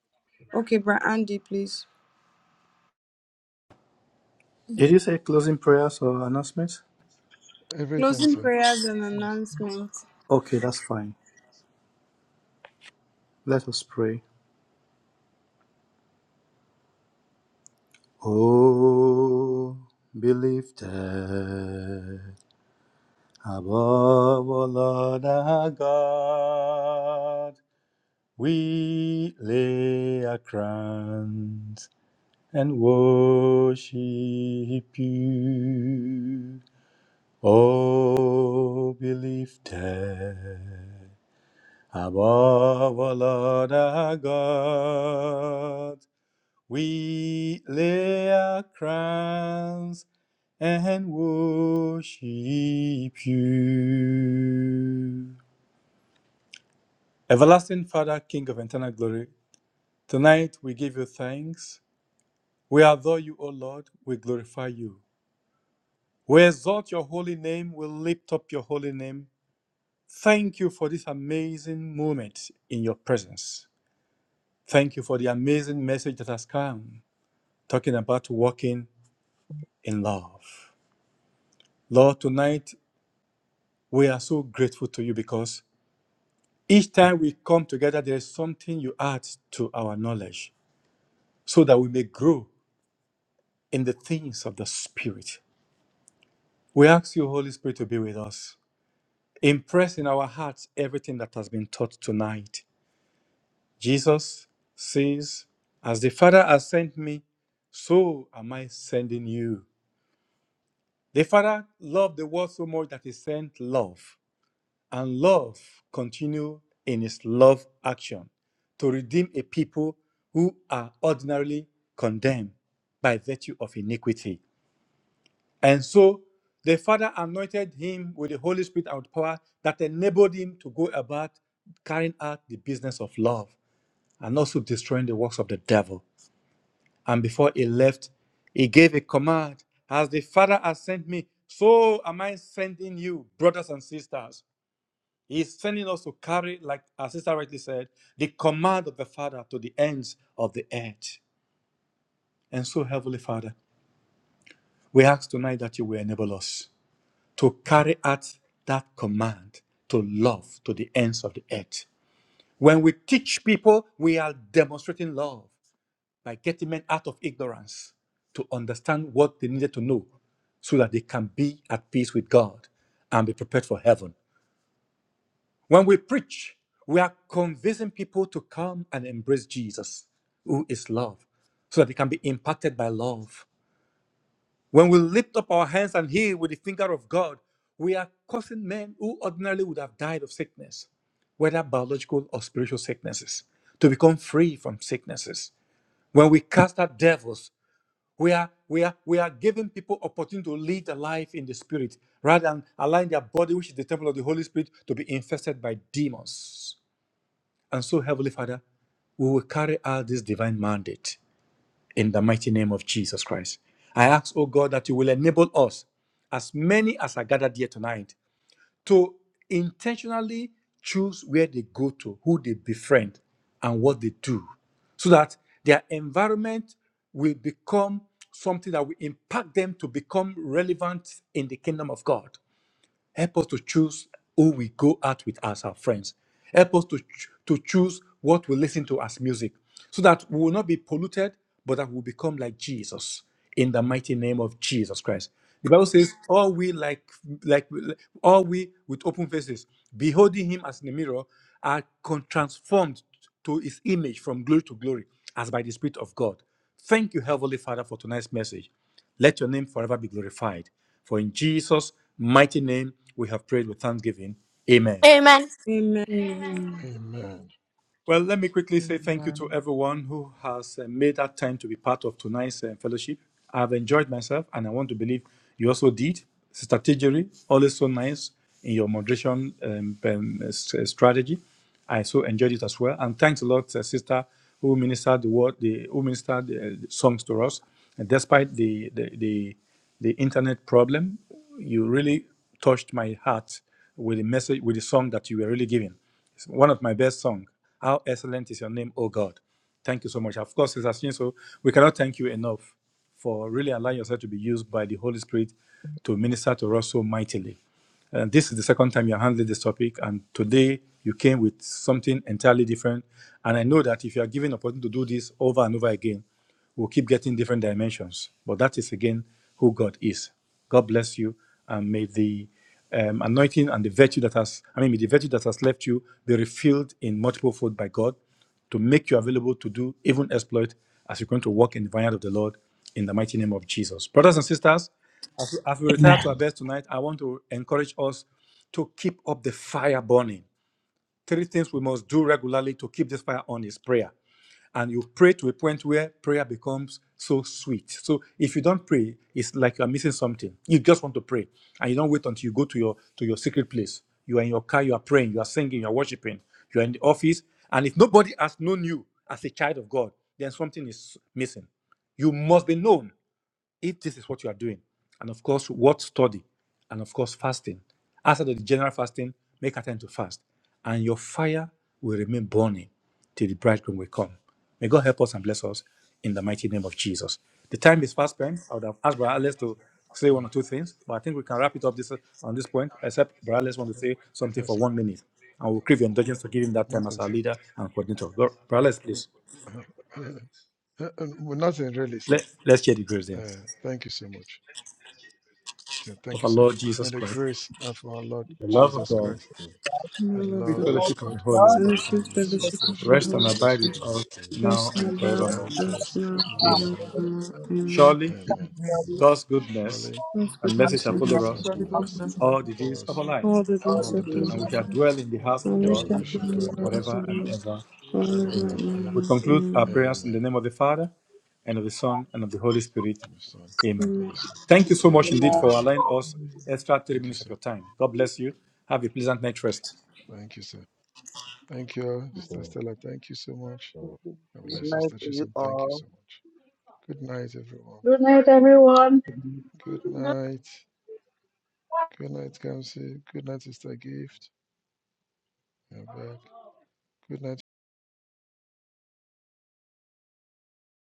A: Okay, Bra Andy, please.
K: Did you say closing prayers or announcements?
C: you. Everything,
A: Closing
C: sir.
A: prayers and
C: Thanks.
A: announcement.
K: Okay,
C: Thank
K: that's fine. Let us pray. Oh, be lifted above all other God. We lay our crowns and worship you. Oh, be lifted above all other God. We lay our crowns and worship you. Everlasting Father, King of eternal glory, tonight we give you thanks. We adore you, O Lord. We glorify you. We exalt your holy name. We lift up your holy name. Thank you for this amazing moment in your presence. Thank you for the amazing message that has come, talking about walking in love. Lord, tonight We are so grateful to you because each time we come together, there is something you add to our knowledge so that we may grow in the things of the Spirit. We ask you, Holy Spirit, to be with us. Impress in our hearts everything that has been taught tonight. Jesus says, As the Father has sent me, so am I sending you. The Father loved the world so much that he sent love. and love continue in his love action to redeem a people who are ordinarily condemned by virtue of iniquity. And so the Father anointed him with the Holy Spirit and with power that enabled him to go about carrying out the business of love and also destroying the works of the devil. And before he left, he gave a command As the Father has sent me, so am I sending you, brothers and sisters. He's sending us to carry, like our sister rightly said, the command of the Father to the ends of the earth. And so, Heavenly Father, we ask tonight that you will enable us to carry out that command to love to the ends of the earth. When we teach people, we are demonstrating love by getting men out of ignorance to understand what they needed to know so that they can be at peace with God and be prepared for heaven. When we preach, we are convincing people to come and embrace Jesus, who is love, so that they can be impacted by love. When we lift up our hands and heal with the finger of God, we are causing men who ordinarily would have died of sickness, whether biological or spiritual sicknesses, to become free from sicknesses. When we cast out devils, we are, we are, we are giving people opportunity to lead a life in the spirit rather than allowing their body, which is the temple of the Holy Spirit, to be infested by demons. And so, Heavenly Father, we will carry out this divine mandate in the mighty name of Jesus Christ. I ask, oh God, that you will enable us, as many as are gathered here tonight, to intentionally choose where they go to, who they befriend, and what they do, so that their environment will become something that will impact them to become relevant in the kingdom of God. Help us to choose who we go out with as our friends. Help us to, ch- to choose what we listen to as music so that we will not be polluted, but that we will become like Jesus in the mighty name of Jesus Christ. The Bible says, All we like, like, all we with open faces, beholding him as in a mirror, are con- transformed to his image from glory to glory, as by the Spirit of God. Thank you, Heavenly Father, for tonight's message. Let your name forever be glorified. For in Jesus' mighty name we have prayed with thanksgiving. Amen.
L: Amen.
A: Amen. Amen.
C: you. Amen.
K: Well, let me quickly say thank you
G: Amen.
K: to everyone who has uh, made that time to be part of tonight's uh, fellowship. I've enjoyed myself, and I want to believe you also did. Sister Tijeri, always so nice in your moderation um, um, s- uh, strategy. I so enjoyed it as well. And thanks a lot, uh, Sister, who ministered the word, the, who ministered uh, the songs to us. And despite the the, the the internet problem, you really touched my heart with the message, with the song that you were really giving. It's one of my best songs. How excellent is your name, O God. Thank you so much. Of course, Sister so we cannot thank you enough for really allowing yourself to be used by the Holy Spirit to minister to us so mightily. And this is the second time you're handling this topic. And today you came with something entirely different. And I know that if you are given opportunity to do this over and over again, we'll keep getting different dimensions. But that is again who God is. God bless you, and may the um, anointing and the virtue that has, I mean, may the virtue that has left you be refilled in multiple fold by God to make you available to do even exploit as you're going to walk in the vineyard of the Lord in the mighty name of Jesus. Brothers and sisters, as we, as we retire
J: Amen.
K: to our beds tonight, I want to encourage us to keep up the fire burning. Three things we must do regularly to keep this fire on is prayer and you pray to a point where prayer becomes so sweet. So if you don't pray, it's like you're missing something. You just want to pray, and you don't wait until you go to your to your secret place. You are in your car, you are praying, you are singing, you are worshiping, you are in the office, and if nobody has known you as a child of God, then something is missing. You must be known if this is what you are doing, and of course, what study, and of course, fasting. Outside of the general fasting, make attempt to fast, and your fire will remain burning till the bridegroom will come. May God help us and bless us in the mighty name of Jesus. The time is fast spent. I would have asked Brother Alex to say one
C: Mm.
K: or two things, but I think we can wrap it up this on this point, except Brother Alex wants to say something
C: Yes,
K: for
C: sir.
K: one minute. And we'll crave your indulgence to give him that time as
C: nothing,
K: our
C: sir.
K: leader and coordinator. Go- Brother Alex, please,
C: Uh, uh, uh, uh, nothing really, sir.
K: let, let's share the grace there.
C: Uh, thank you so much. Okay, thank
K: Of
C: you,
K: our
C: sir.
K: Lord
C: May
K: Jesus
C: the
K: Christ,
C: grace of our Lord
K: the
B: I thank
K: love of
C: Jesus
B: you,
K: God
C: Christ,
D: Jesus,
C: the
A: Lord of
K: sweet
A: God,
B: The
C: love of
B: Lord
K: fellowship of
B: of
C: God,
K: the Holy
B: God,
D: God,
K: Spirit,
A: fellowship,
C: and the
B: in
C: sweet
B: the
A: fellowship of the
C: fellowship of
B: system
K: rest
C: the
K: and
A: Holy
C: Holy
K: abide
A: Spirit.
K: with
C: Spirit,
D: thank
K: us
B: of
D: you.
A: Rest
K: now and
A: and
C: rest and
B: the
A: abide
B: God,
C: abide
K: forevermore.
B: my
A: with
C: with
A: us
C: us
A: now
C: now
B: God,
K: Amen.
G: Jesus,
B: the
C: forever.
G: now
B: Son,
A: forevermore.
B: the
A: Amen.
G: forevermore.
K: Surely
C: Amen.
D: Yes,
B: Holy
G: Amen.
K: God's goodness
C: Surely,
A: God's
K: and mercy
A: goodness
C: His
D: God,
K: shall
A: and
D: we
B: Spirit,
K: follow
A: mercy
C: goodness
D: want
C: and
K: us
D: to
G: Surely
A: shall
B: not
G: God
A: follow
D: thank
C: mercy
G: bless
D: you
G: the
A: us
D: for
K: all
G: message
K: the
D: this.
G: for
C: for
K: days
G: all
K: of
C: us
K: our lives,
A: all the
G: us,
B: all
C: all
A: days
B: the
G: all
C: the
A: of
G: the
A: my
B: days,
C: days of
K: and
G: women
K: we
C: our
G: and
K: shall
A: life,
G: the men
K: dwell
C: lives.
K: in the
G: who are
K: house of the
A: and
D: Yes,
A: we
G: lost,
K: Lord
C: and
A: shall
B: of
C: We
G: and
A: be
C: shall
G: so
C: dwell
A: in
C: in
A: the
C: the
G: many
A: house
C: house of
A: of
K: forever
A: the
C: the
K: and
G: people
A: Lord
C: Lord
K: ever.
G: forever
A: forever
C: forever
K: Amen.
C: and
A: and
G: and
K: We
C: ever.
A: ever.
K: conclude our
A: Amen.
K: prayers in the
C: Amen.
K: name of the Father, and of the Son, and of the Holy Spirit.
C: In the Son,
K: Amen.
C: on
A: Amen.
K: Thank you
G: ever.
K: so much indeed
B: the
K: for
C: Amen.
K: allowing us
G: Amen.
K: extra three
C: Thank you,
K: minutes of
C: sir.
K: your time. God bless you. Have a pleasant night rest.
C: Thank you, sir. Thank you,
D: Yes,
C: Sister Stella. Thank you so much. God
M: Good
C: bless you,
M: night
C: Sister
M: to you
C: Chisholm. Thank you
M: all.
C: so much. Good night, everyone.
N: Good night, everyone.
C: Good night. Good night, Kamsi. Good night, Sister Gift. You're back. Good night.